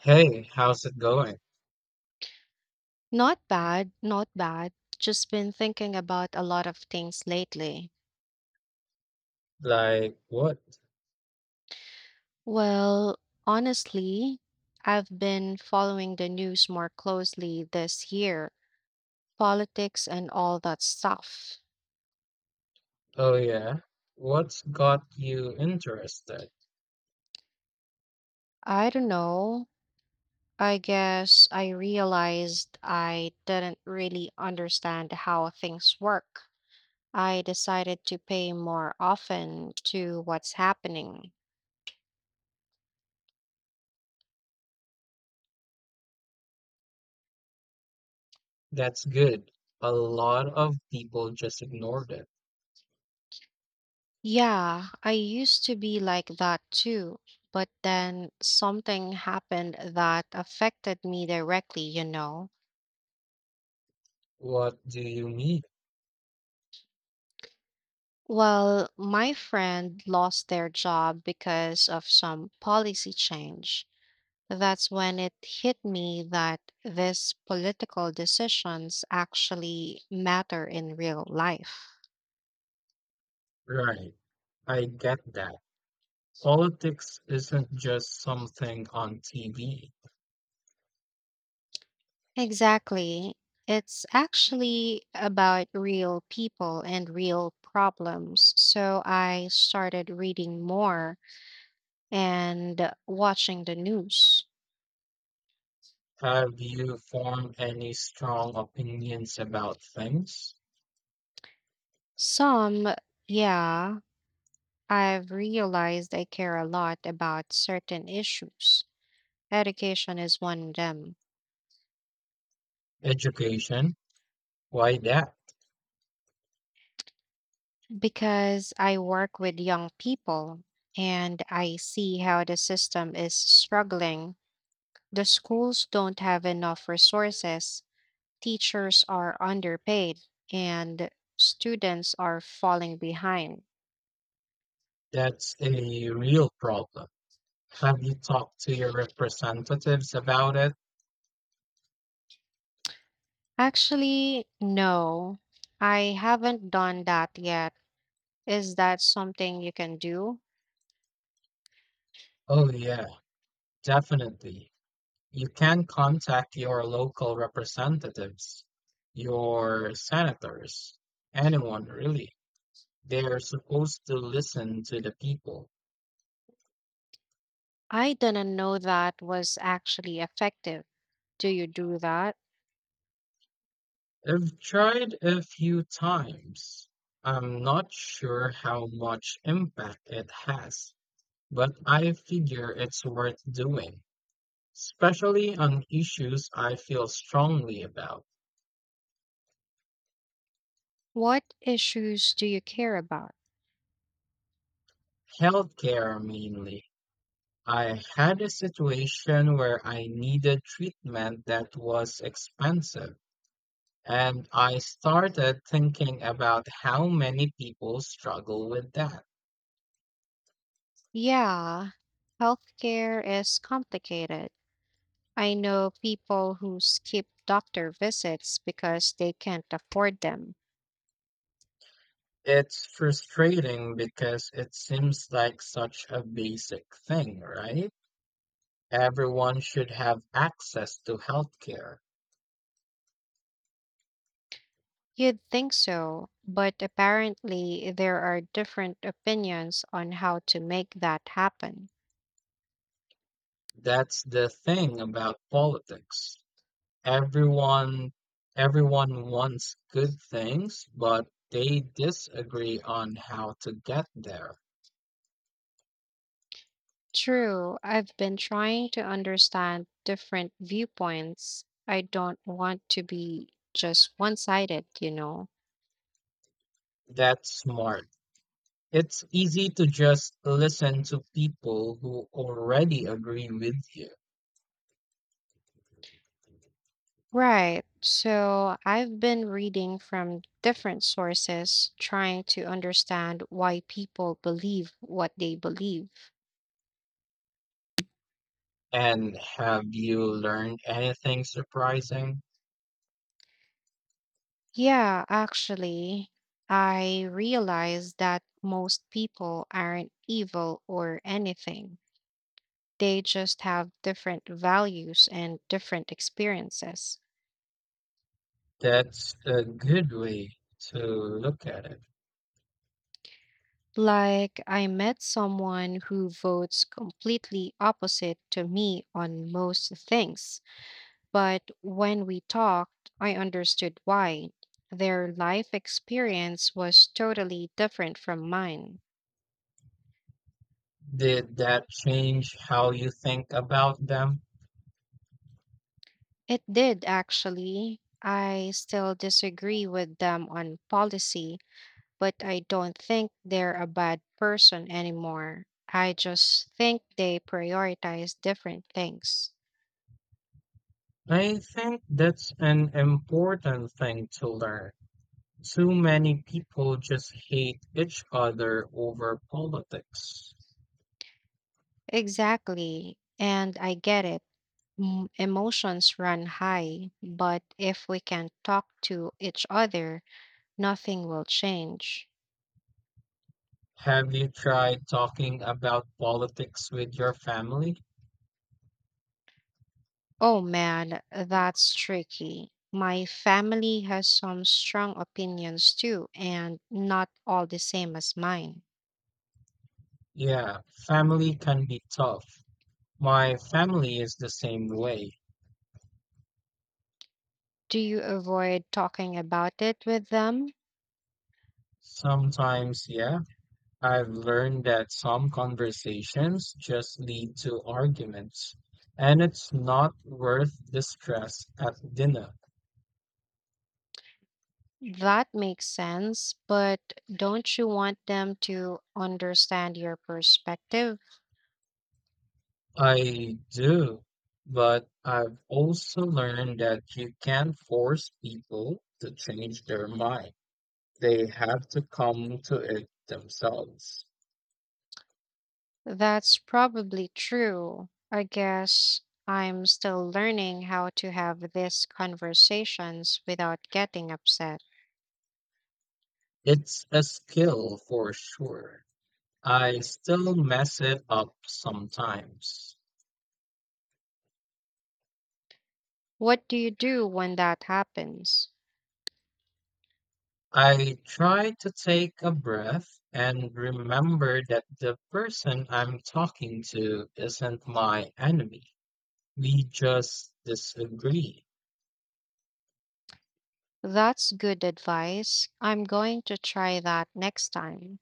Hey, how's it going? Not bad, not bad. Just been thinking about a lot of things lately. Like, what? Well, honestly, I've been following the news more closely this year, politics and all that stuff. Oh, yeah. What's got you interested? I don't know. I guess I realized I didn't really understand how things work. I decided to pay more often to what's happening. That's good. A lot of people just ignored it. Yeah, I used to be like that too, but then something happened that affected me directly. What do you mean? Well, my friend lost their job because of some policy change. That's when it hit me that these political decisions actually matter in real life. Right. I get that. Politics isn't just something on TV. Exactly. It's actually about real people and real problems. So I started reading more and watching the news. Have you formed any strong opinions about things? Some, yeah, I've realized I care a lot about certain issues. Education is one of them Education? Why that? because I work with young people and I see how the system is struggling. The schools don't have enough resources, teachers are underpaid, and students are falling behind. That's a real problem. Have you talked to your representatives about it? Actually, no, I haven't done that yet. Is that something you can do? Oh, yeah, definitely. You can contact your local representatives, your senators, anyone really. They're supposed to listen to the people. I didn't know that was actually effective. Do you do that? I've tried a few times. I'm not sure how much impact it has, but I figure it's worth doing, especially on issues I feel strongly about, What issues do you care about? healthcare mainly. I had a situation where I needed treatment that was expensive, and I started thinking about how many people struggle with that. Yeah, healthcare is complicated. I know people who skip doctor visits because they can't afford them. It's frustrating because it seems like such a basic thing, right? Everyone should have access to healthcare. You'd think so, but apparently there are different opinions on how to make that happen. That's the thing about politics. Everyone everyone wants good things, but they disagree on how to get there. True, I've been trying to understand different viewpoints. I don't want to be just one sided. That's smart. It's easy to just listen to people who already agree with you. Right, so I've been reading from different sources, trying to understand why people believe what they believe. And have you learned anything surprising? Yeah, actually, I realized that most people aren't evil or anything. They just have different values and different experiences. That's a good way to look at it. Like, I met someone who votes completely opposite to me on most things, but when we talked, I understood why. Their life experience was totally different from mine. Did that change how you think about them? It did actually. I still disagree with them on policy, but I don't think they're a bad person anymore. I just think they prioritize different things. I think that's an important thing to learn. Too many people just hate each other over politics. Exactly. And I get it. Emotions run high, but if we can't talk to each other, nothing will change. Have you tried talking about politics with your family? Oh man, that's tricky. My family has some strong opinions too, and not all the same as mine. Yeah, family can be tough. My family is the same way. Do you avoid talking about it with them? Sometimes, yeah, I've learned that some conversations just lead to arguments, and it's not worth the stress at dinner. That makes sense, but don't you want them to understand your perspective? I do, but I've also learned that you can't force people to change their mind. They have to come to it themselves. That's probably true. I guess I'm still learning how to have these conversations without getting upset. It's a skill for sure. I still mess it up sometimes. What do you do when that happens? I try to take a breath and remember that the person I'm talking to isn't my enemy. We just disagree. That's good advice. I'm going to try that next time.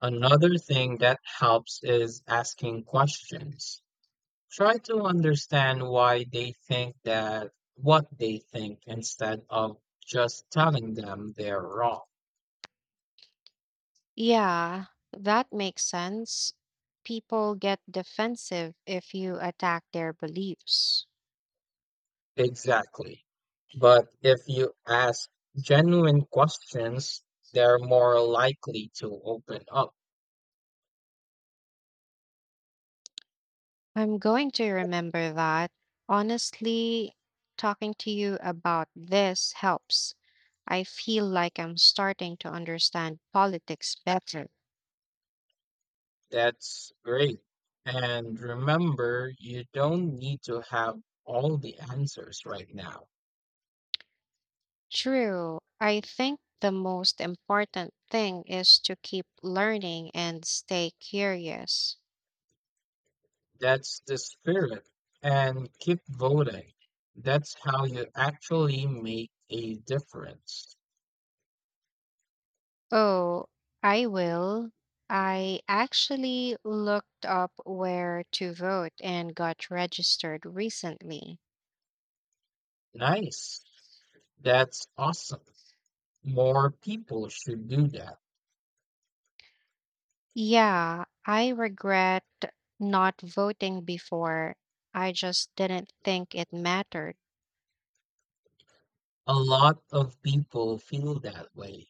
Another thing that helps is asking questions. Try to understand why they think that what they think instead of just telling them they're wrong. Yeah, that makes sense. People get defensive if you attack their beliefs. Exactly. But if you ask genuine questions, they're more likely to open up. I'm going to remember that. Honestly, talking to you about this helps. I feel like I'm starting to understand politics better. That's great. And remember, you don't need to have all the answers right now. True. I think the most important thing is to keep learning and stay curious. That's the spirit. And keep voting. That's how you actually make a difference. Oh, I will. I actually looked up where to vote and got registered recently. Nice. That's awesome. More people should do that. Yeah, I regret not voting before. I just didn't think it mattered. A lot of people feel that way.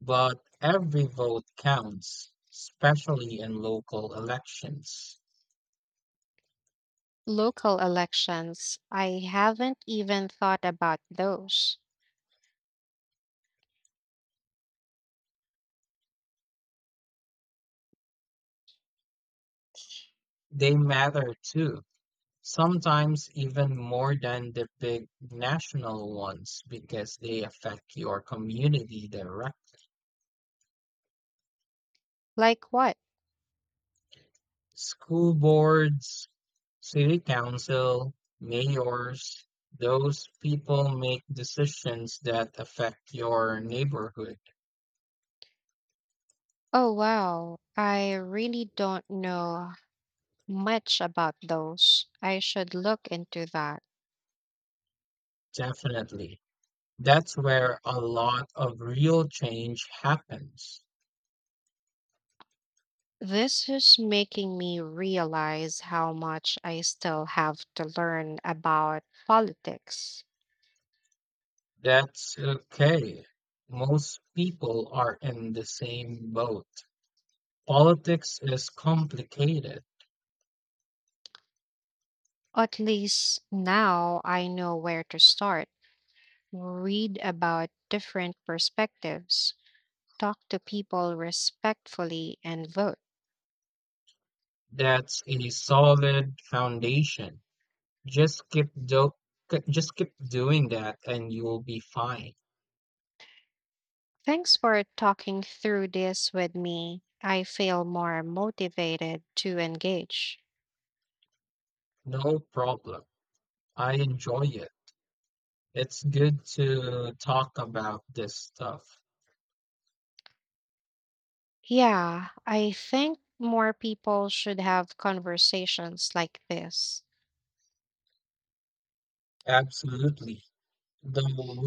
But every vote counts, especially in local elections. Local elections, I haven't even thought about those. They matter too, sometimes even more than the big national ones because they affect your community directly. Like what? School boards, city council, mayors, those people make decisions that affect your neighborhood. Oh, wow. I really don't know much about those. I should look into that. Definitely. That's where a lot of real change happens. This is making me realize how much I still have to learn about politics. That's okay. Most people are in the same boat. Politics is complicated. At least now I know where to start, read about different perspectives, talk to people respectfully, and vote. That's a solid foundation. Just keep do just keep doing that and you will be fine. Thanks for talking through this with me. I feel more motivated to engage. No problem. I enjoy it. It's good to talk about this stuff. Yeah, I think more people should have conversations like this. Absolutely. The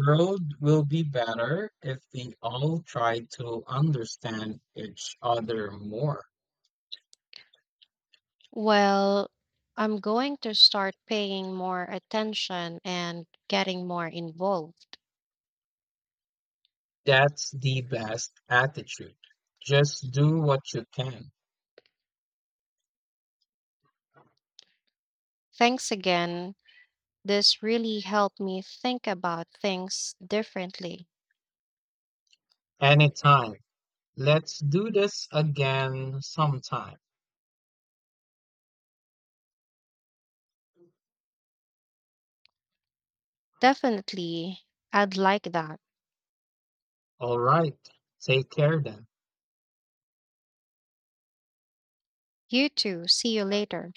world will be better if we all try to understand each other more. Well, I'm going to start paying more attention and getting more involved. That's the best attitude. Just do what you can. Thanks again. This really helped me think about things differently. Anytime. Let's do this again sometime. Definitely, I'd like that. All right. Take care then. You too. See you later.